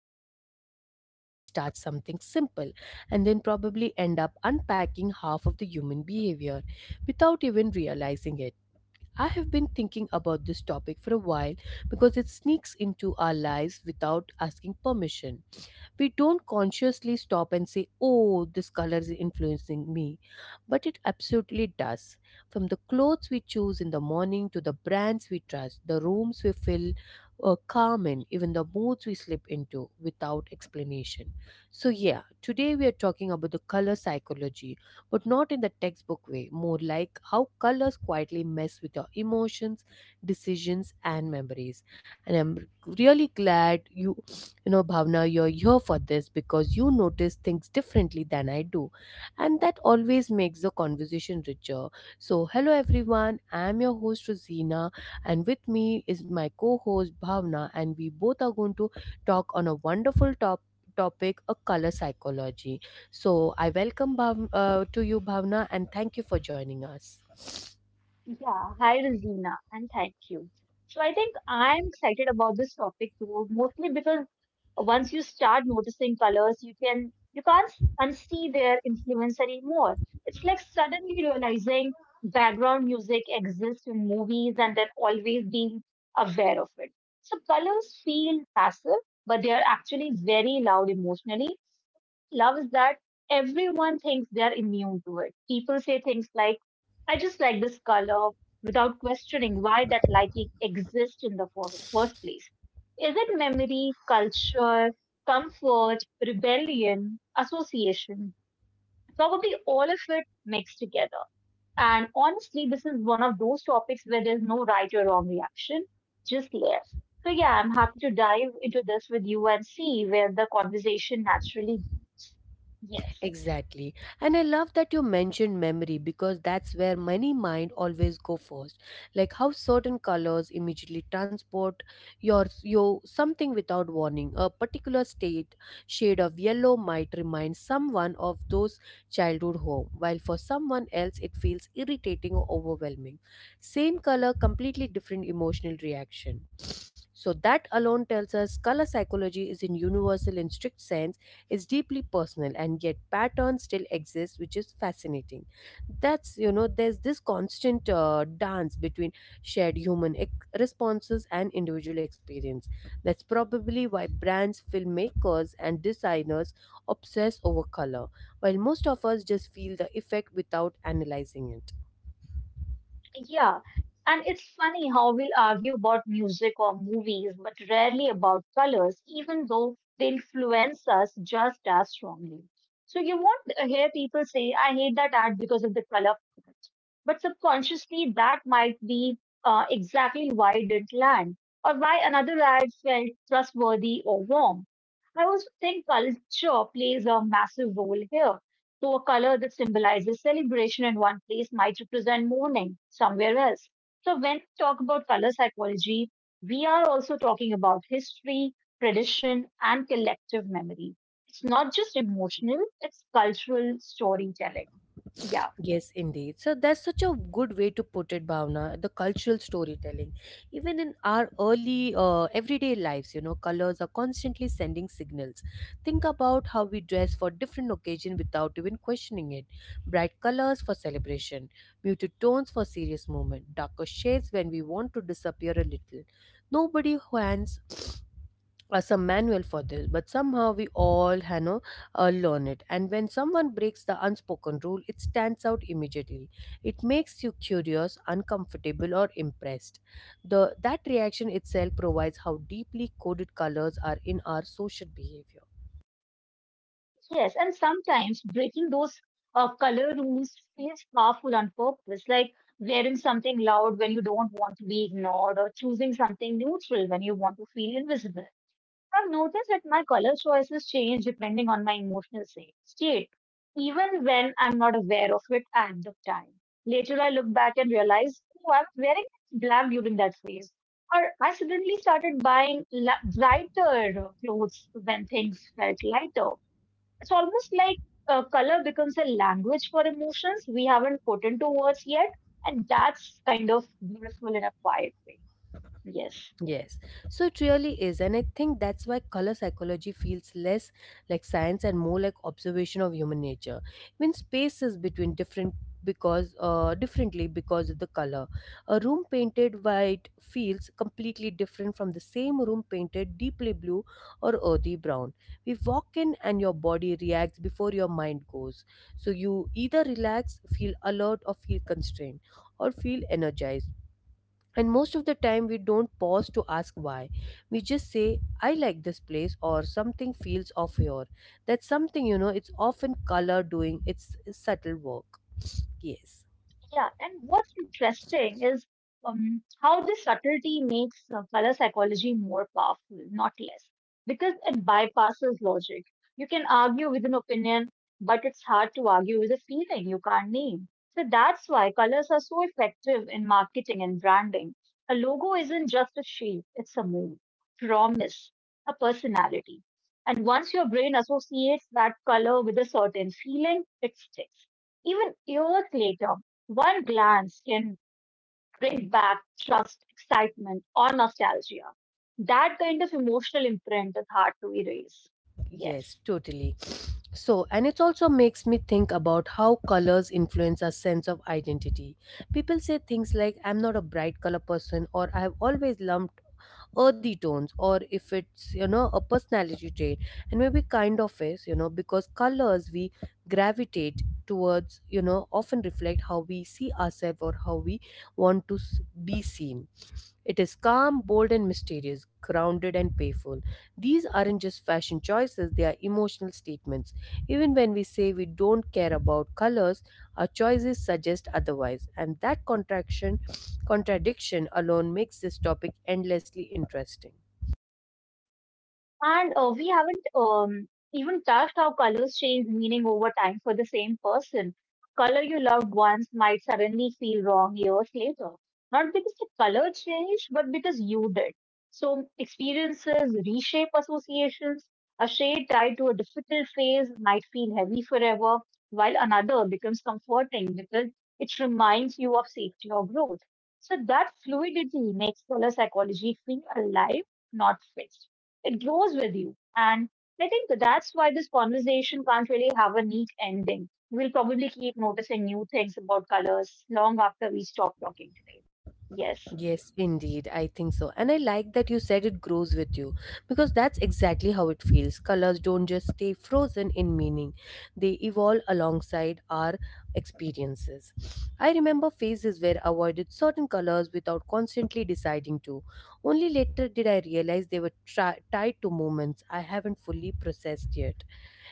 we are going to casually start something simple and then probably end up unpacking half of the human behavior without even realizing it. I have been thinking about this topic for a while because it sneaks into our lives without asking permission. We don't consciously stop and say, oh, this color is influencing me, but it absolutely does. From the clothes we choose in the morning to the brands we trust, the rooms we feel calm in, even the moods we slip into without explanation. So, yeah, today we are talking about the color psychology, but not in the textbook way, more like how colors quietly mess with your emotions, decisions, and memories. And I'm really glad you you know, Bhavna, you're here for this because you notice things differently than I do. And that always makes the conversation richer. So, hello everyone. I'm your host, Rosina, and with me is my co host, Bhavna, and we both are going to talk on a wonderful topic a color psychology. So I welcome to you Bhavna, and thank you for joining us. Yeah, hi Rosina, and thank you. So I think I'm excited about this topic too, mostly because once you start noticing colors, you can't unsee their influence anymore. It's like suddenly realizing background music exists in movies and then always being aware of it. So colors feel passive, but they are actually very loud emotionally. Loves that everyone thinks they're immune to it. People say things like, I just like this color without questioning why that liking exists in the first place. Is it memory, culture, comfort, rebellion, association? Probably all of it mixed together. And honestly, this is one of those topics where there's no right or wrong reaction, just layers. So yeah, I'm happy to dive into this with you and see where the conversation naturally goes. Yes. Exactly. And I love that you mentioned memory because that's where many mind always go first. Like how certain colors immediately transport your something without warning. A particular state shade of yellow might remind someone of those childhood home, while for someone else it feels irritating or overwhelming. Same color, completely different emotional reaction. So that alone tells us color psychology is in universal in strict sense, is deeply personal and yet patterns still exist, which is fascinating. That's there's this constant dance between shared responses and individual experience. That's probably why brands, filmmakers, and designers obsess over color, while most of us just feel the effect without analyzing it. Yeah, and it's funny how we'll argue about music or movies, but rarely about colors, even though they influence us just as strongly. So you won't hear people say, I hate that ad because of the color. But subconsciously, that might be exactly why it didn't land, or why another ad felt trustworthy or warm. I also think culture plays a massive role here. So, a color that symbolizes celebration in one place might represent mourning somewhere else. So, when we talk about color psychology, we are also talking about history, tradition, and collective memory. It's not just emotional, it's cultural storytelling. Yeah, Yes, indeed. So that's such a good way to put it, Bhavna, the cultural storytelling. Even in our early everyday lives, you know, colors are constantly sending signals. Think about how we dress for different occasion without even questioning it. Bright colors for celebration, muted tones for serious moment, darker shades when we want to disappear a little. Nobody hands some manual for this, but somehow we all learn it. And when someone breaks the unspoken rule, it stands out immediately. It makes you curious, uncomfortable, or impressed. The that reaction itself provides how deeply coded colors are in our social behavior. yes. And sometimes breaking those color rules feels powerful on purpose, like wearing something loud when you don't want to be ignored, or choosing something neutral when you want to feel invisible. I've noticed that my color choices change depending on my emotional state, even when I'm not aware of it at the time. Later, I look back and realize, oh, I was wearing black during that phase. Or I suddenly started buying lighter clothes when things felt lighter. It's almost like color becomes a language for emotions we haven't put into words yet, and that's kind of beautiful in a quiet way. Yes. Yes, so it really is, and I think that's why color psychology feels less like science and more like observation of human nature. When spaces between different because differently because of the color, a room painted white feels completely different from the same room painted deeply blue or earthy brown. We walk in, and your body reacts before your mind goes. So you either relax, feel alert, or feel constrained, or feel energized, and most of the time, we don't pause to ask why. We just say, I like this place, or something feels off here. That's something, you know, it's often color doing its subtle work. Yes. Yeah, and what's interesting is how this subtlety makes color psychology more powerful, not less, because it bypasses logic. You can argue with an opinion, but it's hard to argue with a feeling you can't name. So that's why colors are so effective in marketing and branding. A logo isn't just a shape, it's a mood, promise, a personality. And once your brain associates that color with a certain feeling, it sticks even years later one glance can bring back trust, excitement, or nostalgia. That kind of emotional imprint is hard to erase. Yes, Yes. totally. So, and it also makes me think about how colors influence our sense of identity. People say things like, I'm not a bright color person, or I've always lumped earthy tones, or if it's, you know, a personality trait. And maybe kind of is, you know, because colors we gravitate towards, you know, often reflect how we see ourselves or how we want to be seen. It is calm, bold, and mysterious, grounded, and playful. These aren't just fashion choices, they are emotional statements. Even when we say we don't care about colors, our choices suggest otherwise, and that contradiction alone makes this topic endlessly interesting. And we haven't even touched how colors change meaning over time for the same person. Color you loved once might suddenly feel wrong years later, not because the color changed, but because you did. So experiences reshape associations. A shade tied to a difficult phase might feel heavy forever, while another becomes comforting because it reminds you of safety or growth. So that fluidity makes color psychology feel alive, not fixed. It grows with you. And I think that's why this conversation can't really have a neat ending. We'll probably keep noticing new things about colors long after we stop talking today. Yes. Yes, indeed. I think so. And I like that you said it grows with you because that's exactly how it feels. Colors don't just stay frozen in meaning, they evolve alongside our experiences. I remember phases where I avoided certain colors without constantly deciding to. Only later did I realize they were tied to moments I haven't fully processed yet.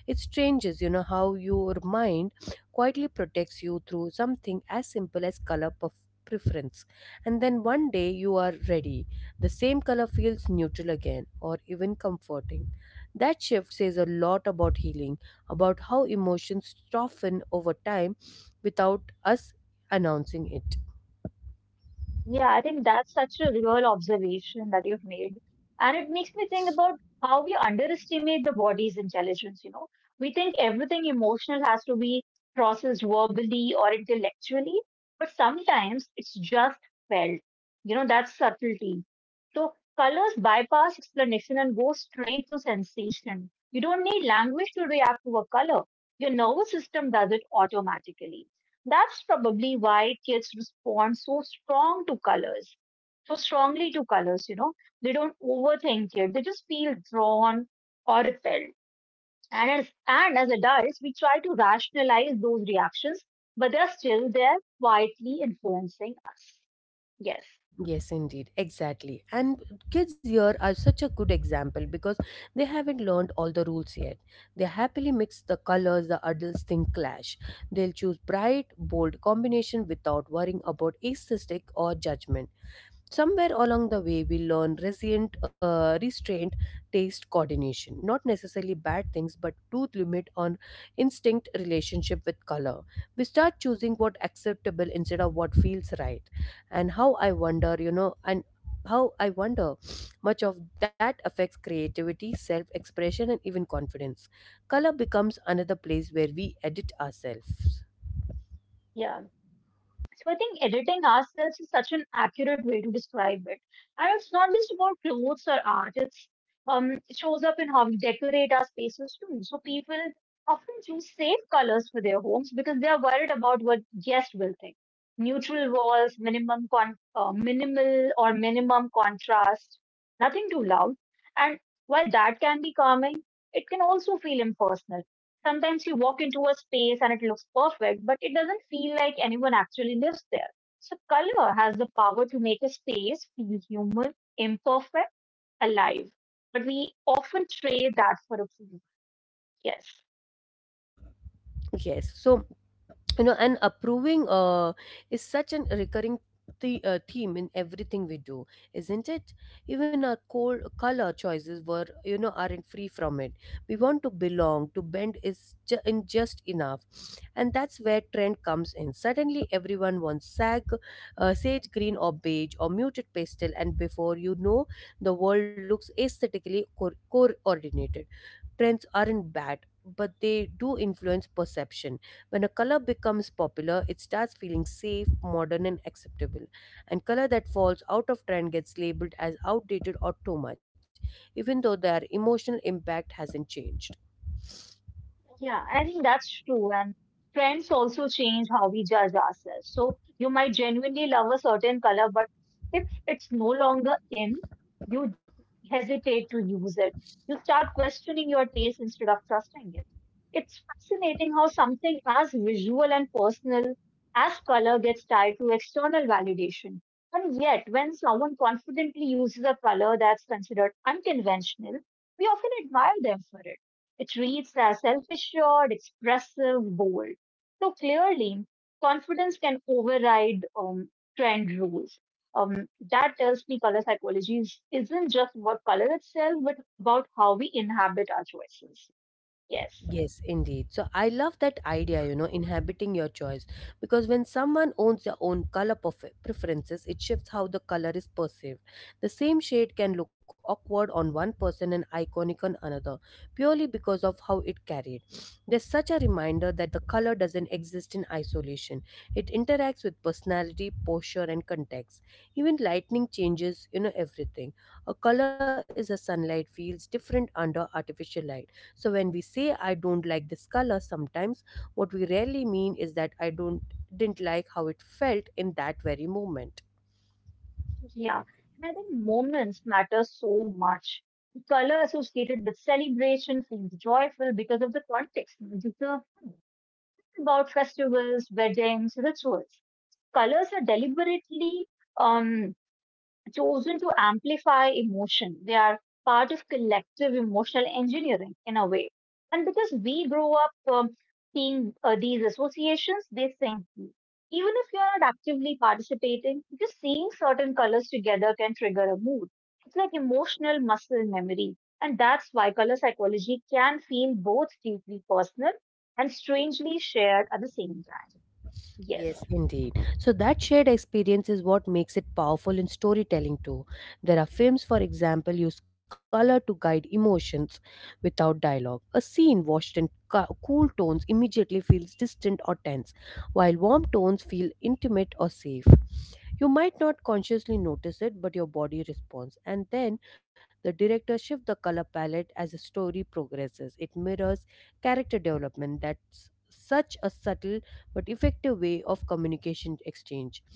It changes, you know, how your mind quietly protects you through something as simple as color preference. And then one day you are ready. The same color feels neutral again or even comforting. That shift says a lot about healing, about how emotions soften over time without us announcing it. Yeah, I think that's such a real observation that you've made. And it makes me think about how we underestimate the body's intelligence, you know. We think everything emotional has to be processed verbally or intellectually, but sometimes it's just felt. You know, that's subtlety. So colors bypass explanation and go straight to sensation. You don't need language to react to a color. Your nervous system does it automatically. That's probably why kids respond so strong to colors, so strongly to colors, you know. They don't overthink it. They just feel drawn or repelled. And as adults, we try to rationalize those reactions, but they're still there quietly influencing us. Yes. Yes, indeed, exactly. And kids here are such a good example because they haven't learned all the rules yet. They happily mix the colors the adults think clash. They'll choose bright, bold combination without worrying about aesthetic or judgment. Somewhere along the way, we learn resilient restraint, taste, coordination, not necessarily bad things, but truth limit on instinct relationship with color. We start choosing what acceptable instead of what feels right. And how I wonder much of that affects creativity, self expression, and even confidence. Color becomes another place where we edit ourselves. Yeah. So I think editing ourselves is such an accurate way to describe it. And it's not just about clothes or art. It's it shows up in how we decorate our spaces too. So people often choose safe colors for their homes because they are worried about what guests will think. Neutral walls, minimum con minimal or minimum contrast, nothing too loud. And while that can be calming, it can also feel impersonal. Sometimes you walk into a space and it looks perfect, but it doesn't feel like anyone actually lives there. So color has the power to make a space feel human, imperfect, alive. But we often trade that for approval. Yes. Yes, so, you know, and approving is such an recurring theme in everything we do, isn't it? Even our cold color choices were, you know, aren't free from it. We want to belong, to in just enough. And that's where trend comes in. Suddenly everyone wants sage green or beige or muted pastel, and before you know, the world looks aesthetically coordinated. Trends aren't bad, but they do influence perception. When a color becomes popular, it starts feeling safe, modern, and acceptable. And color that falls out of trend gets labeled as outdated or too much, even though their emotional impact hasn't changed. Yeah, I think that's true. And trends also change how we judge ourselves. So you might genuinely love a certain color, but if it's no longer in, you hesitate to use it. You start questioning your taste instead of trusting it. It's fascinating how something as visual and personal as color gets tied to external validation. And yet, when someone confidently uses a color that's considered unconventional, we often admire them for it. It reads as self assured, expressive, bold. So clearly, confidence can override trend rules. That tells me color psychology isn't just about color itself, but about how we inhabit our choices. Yes. Yes, indeed. So I love that idea, you know, inhabiting your choice. Because when someone owns their own color preferences, it shifts how the color is perceived. The same shade can look awkward on one person and iconic on another, purely because of how it carried. There's such a reminder that the color doesn't exist in isolation, it interacts with personality, posture, and context. Even lighting changes, you know, everything. A color is a sunlight feels different under artificial light. So when we say I don't like this color sometimes, what we rarely mean is that I don't didn't like how it felt in that very moment. Yeah. And I think moments matter so much. The color associated with celebration feels joyful because of the context. About festivals, weddings, rituals. Colors are deliberately. Um, chosen to amplify emotion. They are part of collective emotional engineering in a way. And because we grow up seeing these associations, they sink deep. Even if you're not actively participating, just seeing certain colors together can trigger a mood. It's like emotional muscle memory. And that's why color psychology can feel both deeply personal and strangely shared at the same time. Yes. Yes, indeed. So that shared experience is what makes it powerful in storytelling too. There are films, for example, use color to guide emotions without dialogue. A scene washed in cool tones immediately feels distant or tense, while warm tones feel intimate or safe. You might not consciously notice it, but your body responds. And then the director shifts the color palette as the story progresses. It mirrors character development. That's such a subtle but effective way of communication exchange.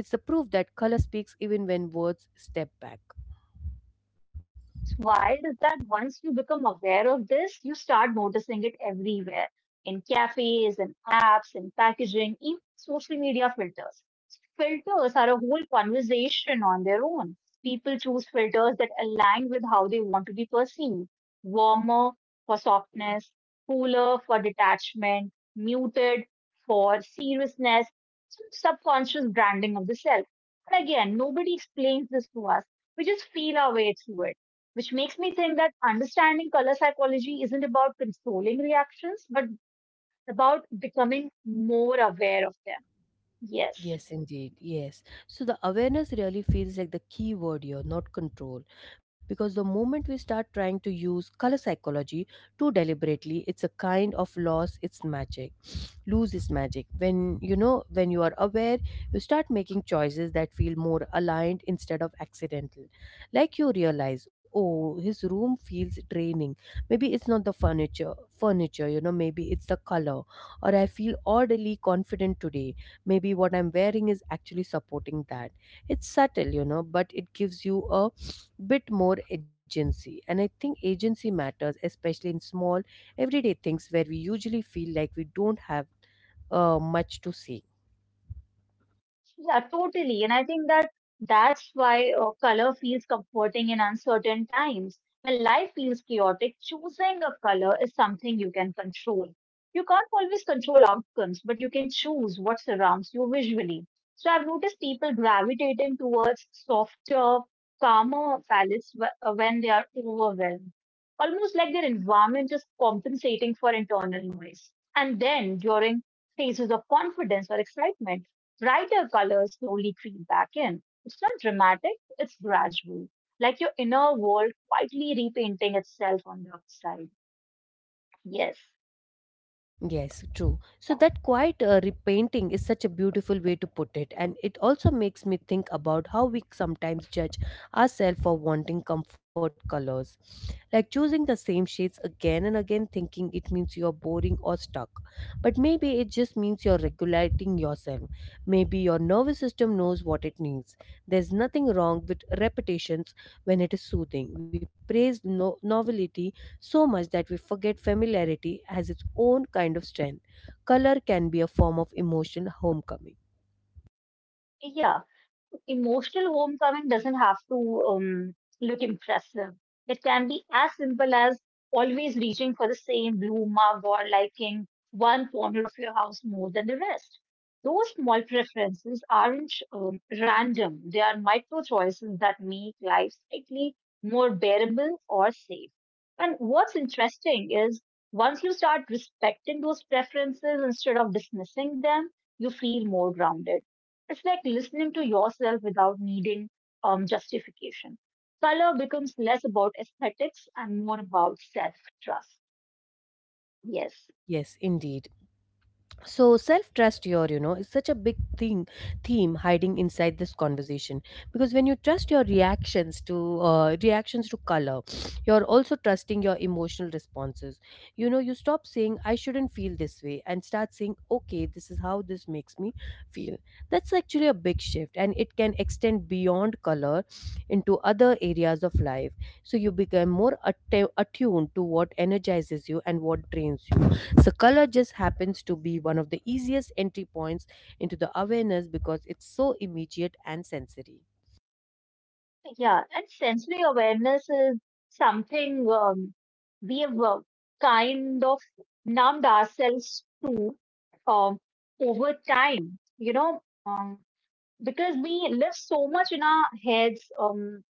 It's the proof that color speaks even when words step back. What's wild is that once you become aware of this, you start noticing it everywhere in cafes, in apps, in packaging, even social media filters. Filters are a whole conversation on their own. People choose filters that align with how they want to be perceived warmer for softness, cooler for detachment, muted for seriousness, some subconscious branding of the self. And again, nobody explains this to us. We just feel our way through it which makes me think that understanding color psychology isn't about controlling reactions, but about becoming more aware of them. Yes. Yes, indeed. Yes. So the awareness really feels like the key word here, not control. Because the moment we start trying to use color psychology too deliberately, it's a kind of loss its magic. Lose its magic. When, you know, when you are aware, you start making choices that feel more aligned instead of accidental. Like you realize, oh, his room feels draining. Maybe it's not the furniture, you know, maybe it's the color. Or I feel oddly confident today. Maybe what I'm wearing is actually supporting that. It's subtle, you know, but it gives you a bit more agency. And I think agency matters, especially in small everyday things where we usually feel like we don't have much to say. Yeah, totally. And I think that's why color feels comforting in uncertain times. When life feels chaotic, choosing a color is something you can control. You can't always control outcomes, but you can choose what surrounds you visually. So I've noticed people gravitating towards softer, calmer palettes when they are overwhelmed, almost like their environment is compensating for internal noise. And then during phases of confidence or excitement, brighter colors slowly creep back in. It's not dramatic, it's gradual, like your inner world quietly repainting itself on the outside. Yes. Yes, true. So Yeah. that quiet repainting is such a beautiful way to put it, and it also makes me think about how we sometimes judge ourselves for wanting comfort colors. Like choosing the same shades again and again, thinking it means you're boring or stuck. But maybe it just means you're regulating yourself. Maybe your nervous system knows what it needs. There's nothing wrong with repetitions when it is soothing. We praise novelty so much that we forget familiarity has its own kind of strength. Color can be a form of emotional homecoming. Yeah. Emotional homecoming doesn't have to look impressive. It can be as simple as always reaching for the same blue mug or liking one corner of your house more than the rest. Those small preferences aren't random, they are micro choices that make life slightly more bearable or safe. And what's interesting is once you start respecting those preferences instead of dismissing them, you feel more grounded it's like listening to yourself without needing justification. Color becomes less about aesthetics and more about self trust. Yes. Yes, indeed. So self trust, your, you know, is such a big thing, theme hiding inside this conversation. Because when you trust your reactions to color, you're also trusting your emotional responses. You know, you stop saying I shouldn't feel this way and start saying okay, this is how this makes me feel. That's actually a big shift and it can extend beyond color into other areas of life. So you become more attuned to what energizes you and what drains you. So, color just happens to be one of the easiest entry points into the awareness because it's so immediate and sensory. Yeah. And sensory awareness is something we have kind of numbed ourselves to um, over time, you know, um, because we live so much in our heads. Um,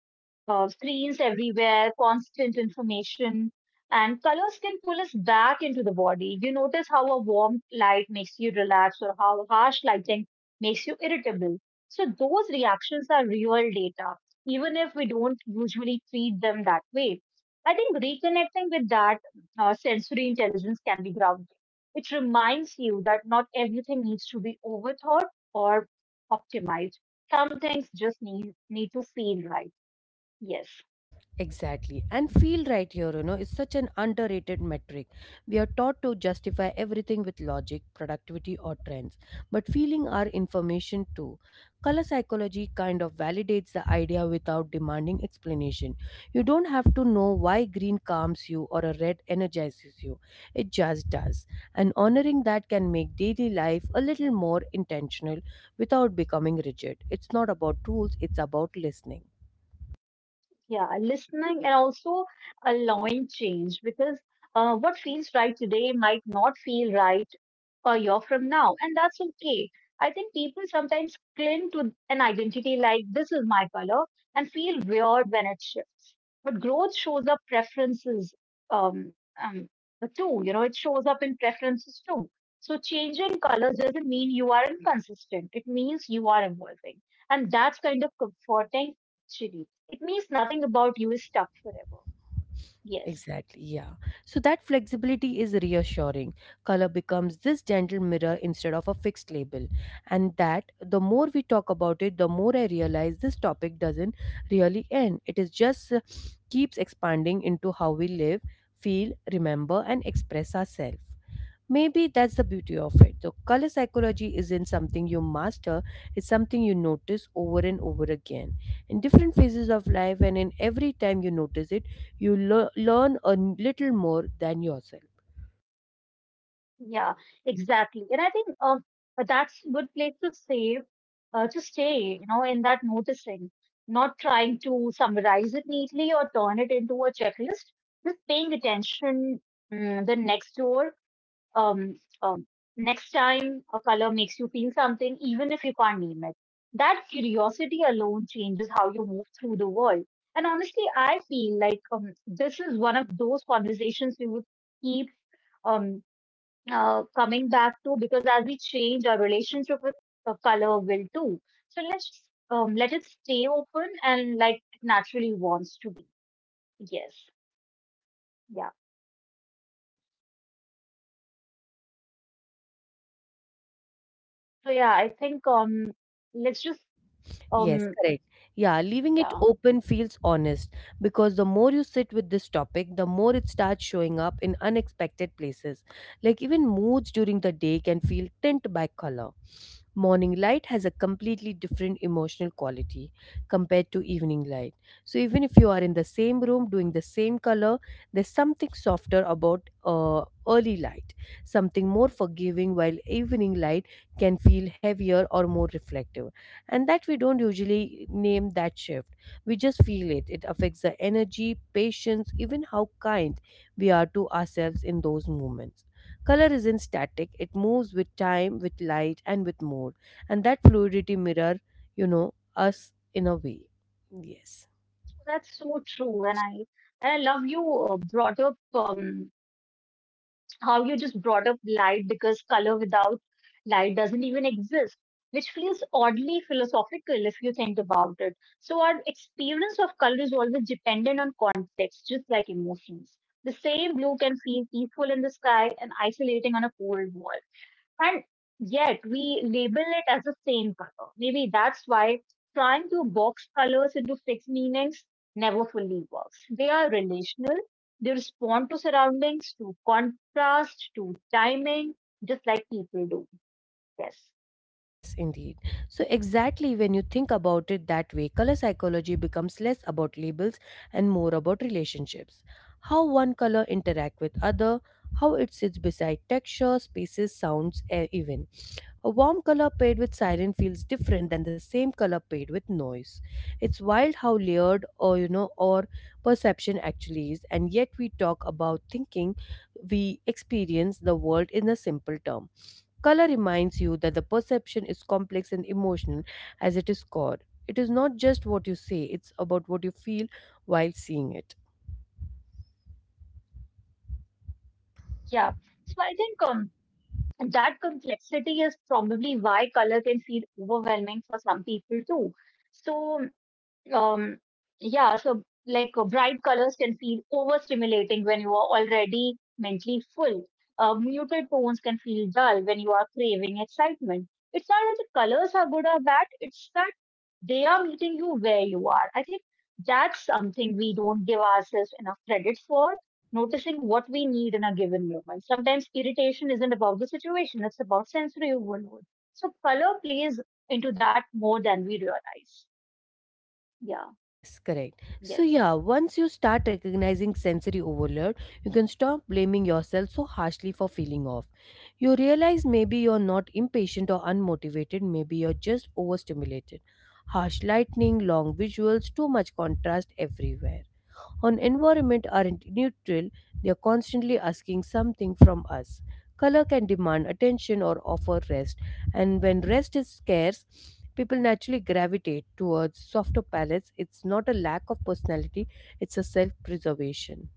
uh, Screens everywhere, constant information, and colors can pull us back into the body. You notice how a warm light makes you relax or how harsh lighting makes you irritable. So, those reactions are real data, even if we don't usually treat them that way. I think reconnecting with that sensory intelligence can be grounding. It reminds you that not everything needs to be overthought or optimized. Some things just need to feel right. Yes, Exactly. And feel right here, you know, is such an underrated metric. We are taught to justify everything with logic, productivity, or trends, but feeling are information too. Color psychology kind of validates the idea without demanding explanation. You don't have to know why green calms you or a red energizes you, it just does. And honoring that can make daily life a little more intentional without becoming rigid. It's not about rules, it's about listening. yeah, listening and also allowing change because what feels right today might not feel right a year from now, and that's okay. I think people sometimes cling to an identity like this is my color and feel weird when it shifts. But growth shows up preferences um, um, too, you know, it shows up in preferences too. So changing colors doesn't mean you are inconsistent, it means you are evolving, and that's kind of comforting. Actually it means nothing about you is stuck forever. Yes. Exactly, yeah. So that flexibility is reassuring. Color becomes this gentle mirror instead of a fixed label. And that the more we talk about it, the more I realize this topic doesn't really end. It is just keeps expanding into how we live, feel, remember, and express ourselves. Maybe that's the beauty of it. The color psychology isn't something you master, it's something you notice over and over again. In different phases of life, and in every time you notice it, you learn a little more than yourself. Yeah, exactly. And I think that's a good place to to stay, you know, in that noticing, not trying to summarize it neatly or turn it into a checklist, just paying attention mm, the next door um, um, next time a color makes you feel something, even if you can't name it. That curiosity alone changes how you move through the world. And honestly, I feel like this is one of those conversations we would keep um, coming back to because as we change, our relationship with color will too. So let's just, let it stay open and like it naturally wants to be. Yes. Yeah. So yeah, I think let's just Yes, um, correct. Yeah, leaving it yeah. open feels honest because the more you sit with this topic, the more it starts showing up in unexpected places. Like even moods during the day can feel tint by color. Morning light has a completely different emotional quality compared to evening light. So even if you are in the same room doing the same color, there's something softer about early light, something more forgiving, while evening light can feel heavier or more reflective and that we don't usually name that shift. We just feel it. It affects the energy, patience, even how kind we are to ourselves in those moments. Color isn't static, it moves with time, with light, and with mood. And that fluidity mirror, you know, us in a way. Yes. That's so true, and I love you brought up how you just brought up light because color without light doesn't even exist, which feels oddly philosophical if you think about it. So our experience of color is always dependent on context, just like emotions. The same blue can feel peaceful in the sky and isolating on a cold wall. And yet we label it as the same color. Maybe that's why trying to box colors into fixed meanings never fully works. They are relational, they respond to surroundings, to contrast, to timing, just like people do. Yes. Yes, indeed. So, exactly when you think about it that way, color psychology becomes less about labels and more about relationships. How one color interact with other, how it sits beside texture, spaces, sounds, air even. A warm color paired with siren feels different than the same color paired with noise. It's wild how layered or you know or perception actually is, and yet we talk about thinking we experience the world in a simple term. Color reminds you that the perception is complex and emotional as it is core. It is not just what you say, it's about what you feel while seeing it. Yeah. So I think that complexity is probably why color can feel overwhelming for some people too. So Um, yeah, so like bright colors can feel overstimulating when you are already mentally full. Muted tones can feel dull when you are craving excitement. It's not that the colors are good or bad, it's that they are meeting you where you are. I think that's something we don't give ourselves enough credit for, noticing what we need in a given moment. Sometimes irritation isn't about the situation, it's about sensory overload. So color plays into that more than we realize. Yeah, Yes, correct. So, yes. yeah, once you start recognizing sensory overload, you can stop blaming yourself so harshly for feeling off. You realize maybe you're not impatient or unmotivated, maybe you're just overstimulated. Harsh lightning, long visuals, too much contrast everywhere. On environment aren't neutral, they are constantly asking something from us. Color can demand attention or offer rest, and when rest is scarce, people naturally gravitate towards softer palettes. It's not a lack of personality, it's a self preservation.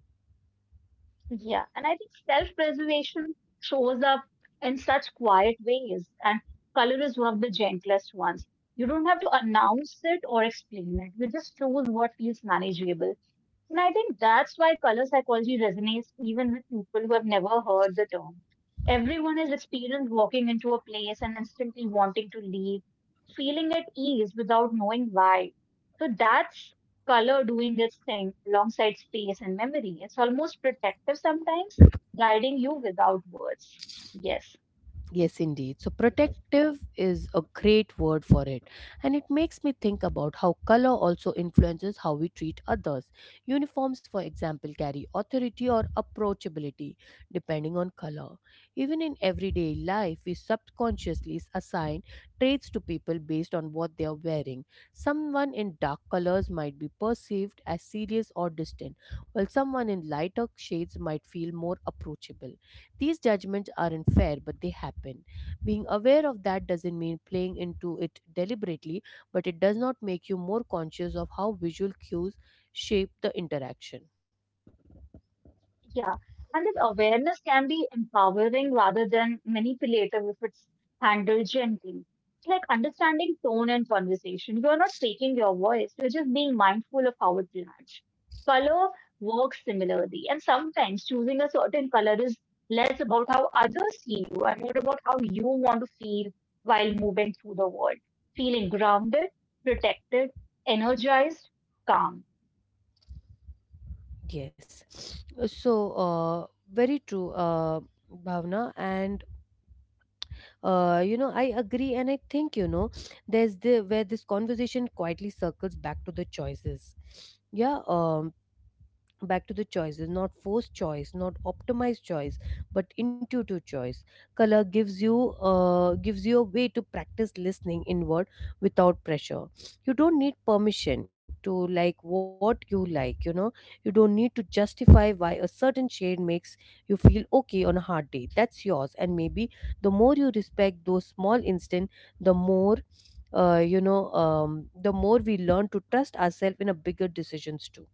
Yeah, and I think self-preservation shows up in such quiet ways, and color is one of the gentlest ones. You don't have to announce it or explain it. You just choose what feels manageable. And I think that's why color psychology resonates even with people who have never heard the term. Everyone has experienced walking into a place and instantly wanting to leave, feeling at ease without knowing why. So that's color doing its thing alongside space and memory. It's almost protective sometimes, guiding you without words. Yes, Yes, indeed. So, yes, protective is a great word for it, and it makes me think about how color also influences how we treat others. Uniforms, for example, carry authority or approachability depending on color. Even in everyday life, we subconsciously assign traits to people based on what they are wearing. Someone in dark colors might be perceived as serious or distant, while someone in lighter shades might feel more approachable. These judgments aren't fair, but they happen. Being aware of that doesn't mean playing into it deliberately, but it does not make you more conscious of how visual cues shape the interaction. yeah. And that awareness can be empowering rather than manipulative if it's handled gently. It's like understanding tone and conversation. You're not faking your voice, you're just being mindful of how it lands. Color works similarly, and sometimes choosing a certain color is less about how others see you and more about how you want to feel while moving through the world. Feeling grounded, protected, energized, calm. Those intentions matter more Yes. than external So, perception in the very long true, run. Yes. Bhavna. And Yeah. you know, I agree. And I think, you know, there's the where this conversation quietly circles back to the choices. Yeah. Back to the choices, not forced choice, not optimized choice, but intuitive choice. Color gives you gives you a way to practice listening inward without pressure. You don't need permission to like what you like, you know. You don't need to justify why a certain shade makes you feel okay on a hard day. That's yours, and maybe the more you respect those small instant, the more the more we learn to trust ourselves in a bigger decisions too.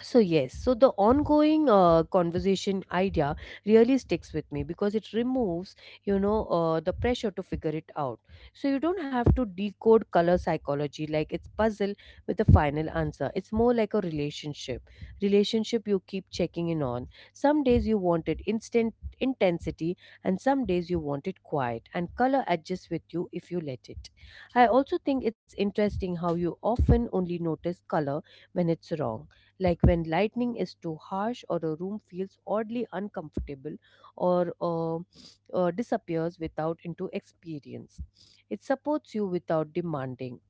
So, yes, so the ongoing conversation idea really sticks with me because it removes, you know, the pressure to figure it out. So, you don't have to decode color psychology like it's puzzle with a final answer. It's more like a relationship. Relationship you keep checking in on. Some days you want it instant intensity, and some days you want it quiet, and color adjusts with you if you let it. I also think it's interesting how you often only notice color when it's wrong, like when lightning is too harsh or a room feels oddly uncomfortable or disappears without into experience. It supports you without demanding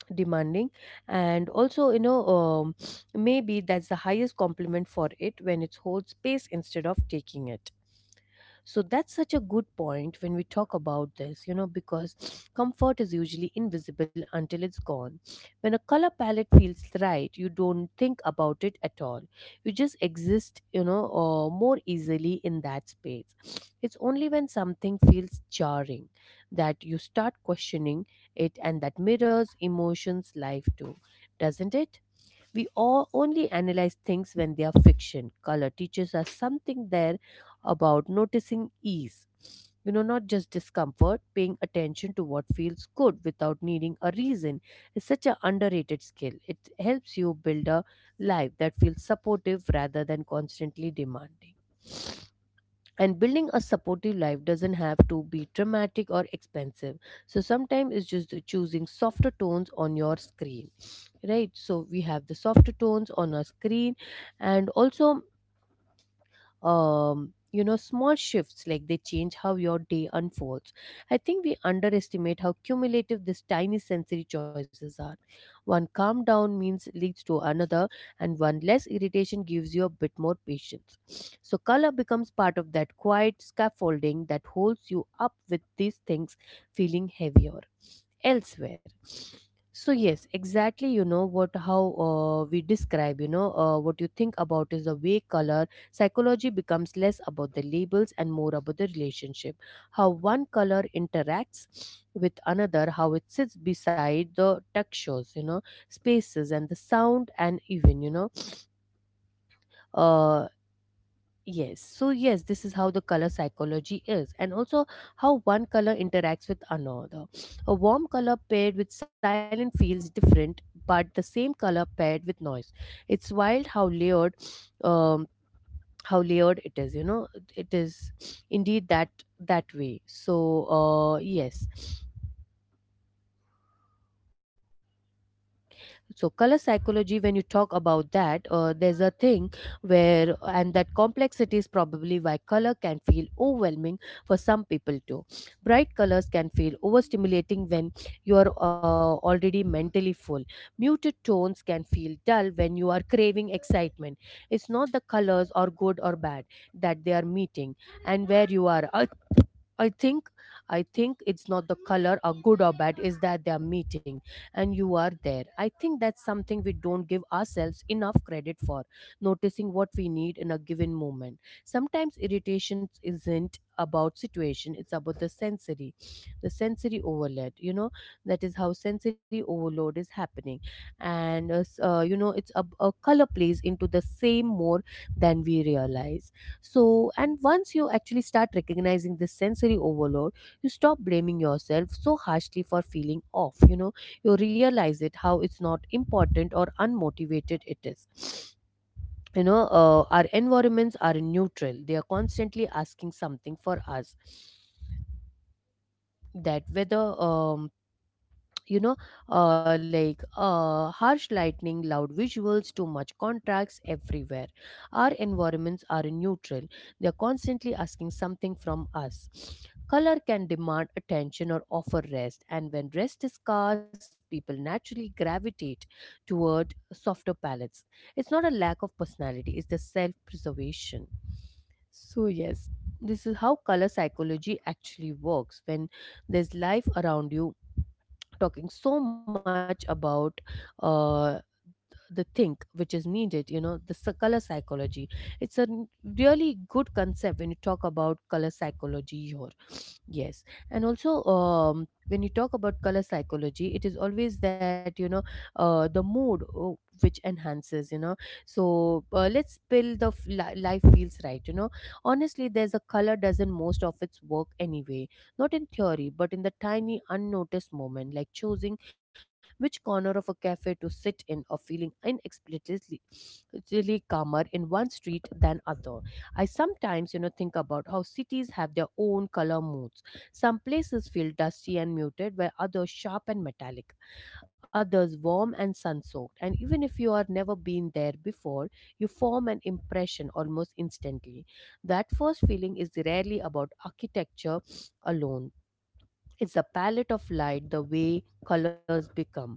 demanding and also you know maybe that's the highest compliment for it, when it holds space instead of taking it. So that's such a good point when we talk about this, you know, because comfort is usually invisible until it's gone. When a color palette feels right, you don't think about it at all. You just exist, you know, more easily in that space. It's only when something feels jarring that you start questioning it, and that mirrors emotions life too, doesn't it? We all only analyze things when they are fiction. Color teaches us something there about noticing ease, you know, not just discomfort. Paying attention to what feels good without needing a reason is such an underrated skill. It helps you build a life that feels supportive rather than constantly demanding. And building a supportive life doesn't have to be dramatic or expensive, so sometimes it's just choosing softer tones on your screen. Right, so we have the softer tones on our screen, and also you know, small shifts like they change how your day unfolds. I think we underestimate how cumulative these tiny sensory choices are. One calm down means leads to another, and one less irritation gives you a bit more patience. So color becomes part of that quiet scaffolding that holds you up with these things feeling heavier elsewhere. So yes, exactly, you know what, how we describe, you know, what you think about is the way color psychology becomes less about the labels and more about the relationship. How one color interacts with another, how it sits beside the textures, you know, spaces and the sound, and even you know uh, yes. So, yes, this is how the color psychology is, and also how one color interacts with another. A warm color paired with silent feels different, but the same color paired with noise. It's wild how um, layered it is. You know, it is indeed that way. So, yes. So, color psychology, when you talk about that, there's a thing where, and that complexity is probably why color can feel overwhelming for some people too. Bright colors can feel overstimulating when you are already mentally full. Muted tones can feel dull when you are craving excitement. It's not the colors are good or bad, that they are meeting and where you are. I think I think it's not the color or good or bad, is that they are meeting and you are there. I think that's something we don't give ourselves enough credit for, noticing what we need in a given moment. Sometimes irritation isn't about situation, it's about the sensory overload, you know. That is how sensory overload is happening, and you know, it's a color plays into the same more than we realize. So, and once you actually start recognizing this sensory overload, you stop blaming yourself so harshly for feeling off. You know, you realize it how it's not important or unmotivated it is. You know, our environments are neutral, they are constantly asking something for us, that whether you know, harsh lightning, loud visuals, too much contracts everywhere. Our environments are neutral, they are constantly asking something from us. Color can demand attention or offer rest, and when rest is scarce, people naturally gravitate toward softer palettes. It's not a lack of personality, it's the self preservation. So yes, this is how color psychology actually works when there's life around you, talking so much about uh, the think which is needed, you know, the color psychology. It's a really good concept when you talk about color psychology here. Yes, yes. And also when you talk about color psychology, it is always that you know the mood oh, which enhances. You know, so let's build the life feels right. You know, honestly, there's a color does not most of its work anyway, not in theory, but in the tiny unnoticed moment, like choosing which corner of a cafe to sit in, or feeling inexplicably really calmer in one street than other. I sometimes think about how cities have their own color moods. Some places feel dusty and muted, while others sharp and metallic, others warm and sun soaked. And even if you have never been there before, you form an impression almost instantly. That first feeling is rarely about architecture alone. It's the palette of light, the way colors become.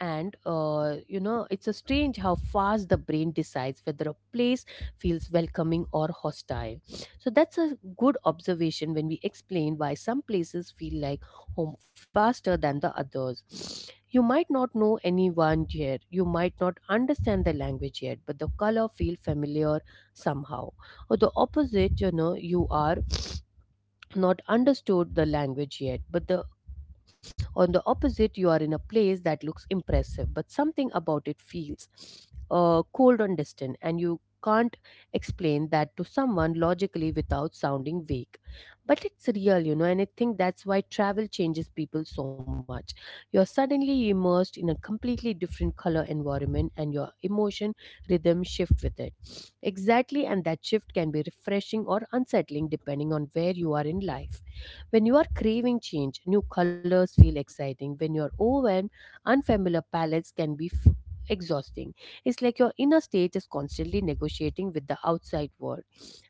And it's a strange how fast the brain decides whether a place feels welcoming or hostile. So that's a good observation when we explain why some places feel like home faster than the others. You might not know anyone here, you might not understand the language yet, but the color feel familiar somehow. Or the opposite, you are not understood the language yet, but the on the opposite, you are in a place that looks impressive, but something about it feels cold and distant, and you can't explain that to someone logically without sounding vague. But it's real, you know, and I think that's why travel changes people so much. You're suddenly immersed in a completely different color environment, and your emotion rhythm shift with it. Exactly, and that shift can be refreshing or unsettling depending on where you are in life. When you are craving change, new colors feel exciting. When you are overwhelmed, unfamiliar palettes can be exhausting. It's like your inner state is constantly negotiating with the outside world,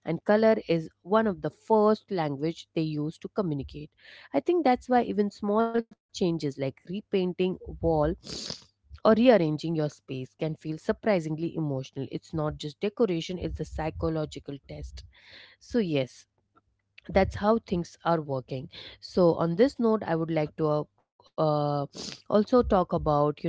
and color is one of the first language they use to communicate. I think that's why even small changes like repainting a wall or rearranging your space can feel surprisingly emotional. It's not just decoration, it's the psychological test. So yes, that's how things are working. So on this note I would like to also talk about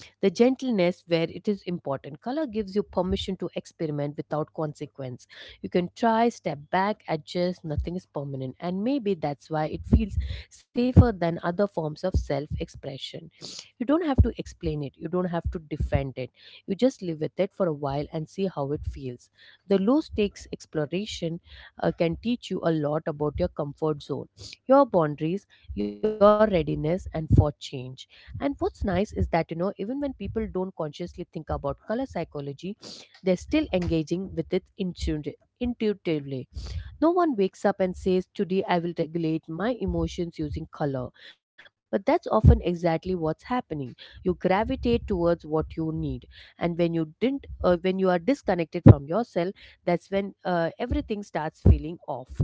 the gentleness where it is important. Color gives you permission to experiment without consequence. You can try, step back, adjust, nothing is permanent. And maybe that's why it feels safer than other forms of self expression. You don't have to explain it, you don't have to defend it. You just live with it for a while and see how it feels. The low stakes exploration can teach you a lot about your comfort zone, your boundaries, your readiness, and for change. And what's nice is that, you know, even when people don't consciously think about color psychology, they're still engaging with it intuitively. No one wakes up and says, "Today I will regulate my emotions using color." But that's often exactly what's happening. You gravitate towards what you need. And when you didn't, when you are disconnected from yourself, that's when everything starts feeling off,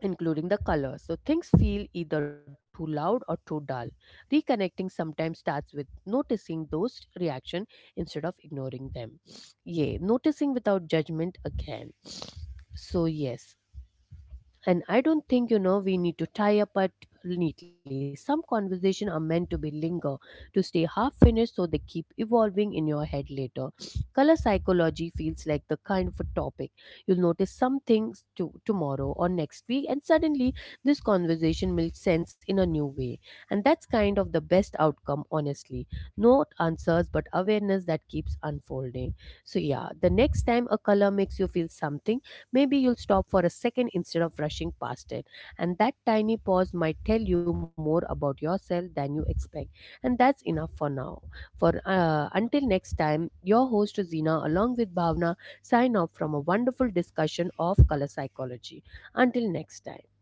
including the colors. So things feel either too loud or too dull. Reconnecting sometimes starts with noticing those reaction instead of ignoring them. Yeah, noticing without judgment again. So yes, and I don't think we need to tie up it neatly. Some conversations are meant to be linger, to stay half finished so they keep evolving in your head later. Color psychology feels like the kind of a topic you'll notice some things to tomorrow or next week, and suddenly this conversation makes sense in a new way. And that's kind of the best outcome, honestly. Not answers but awareness that keeps unfolding. So yeah, the next time a color makes you feel something, maybe you'll stop for a second instead of rushing past it. And that tiny pause might tell you more about yourself than you expect. And that's enough for now. For until next time, your host Zina, along with Bhavna, sign off from a wonderful discussion of color psychology. Until next time.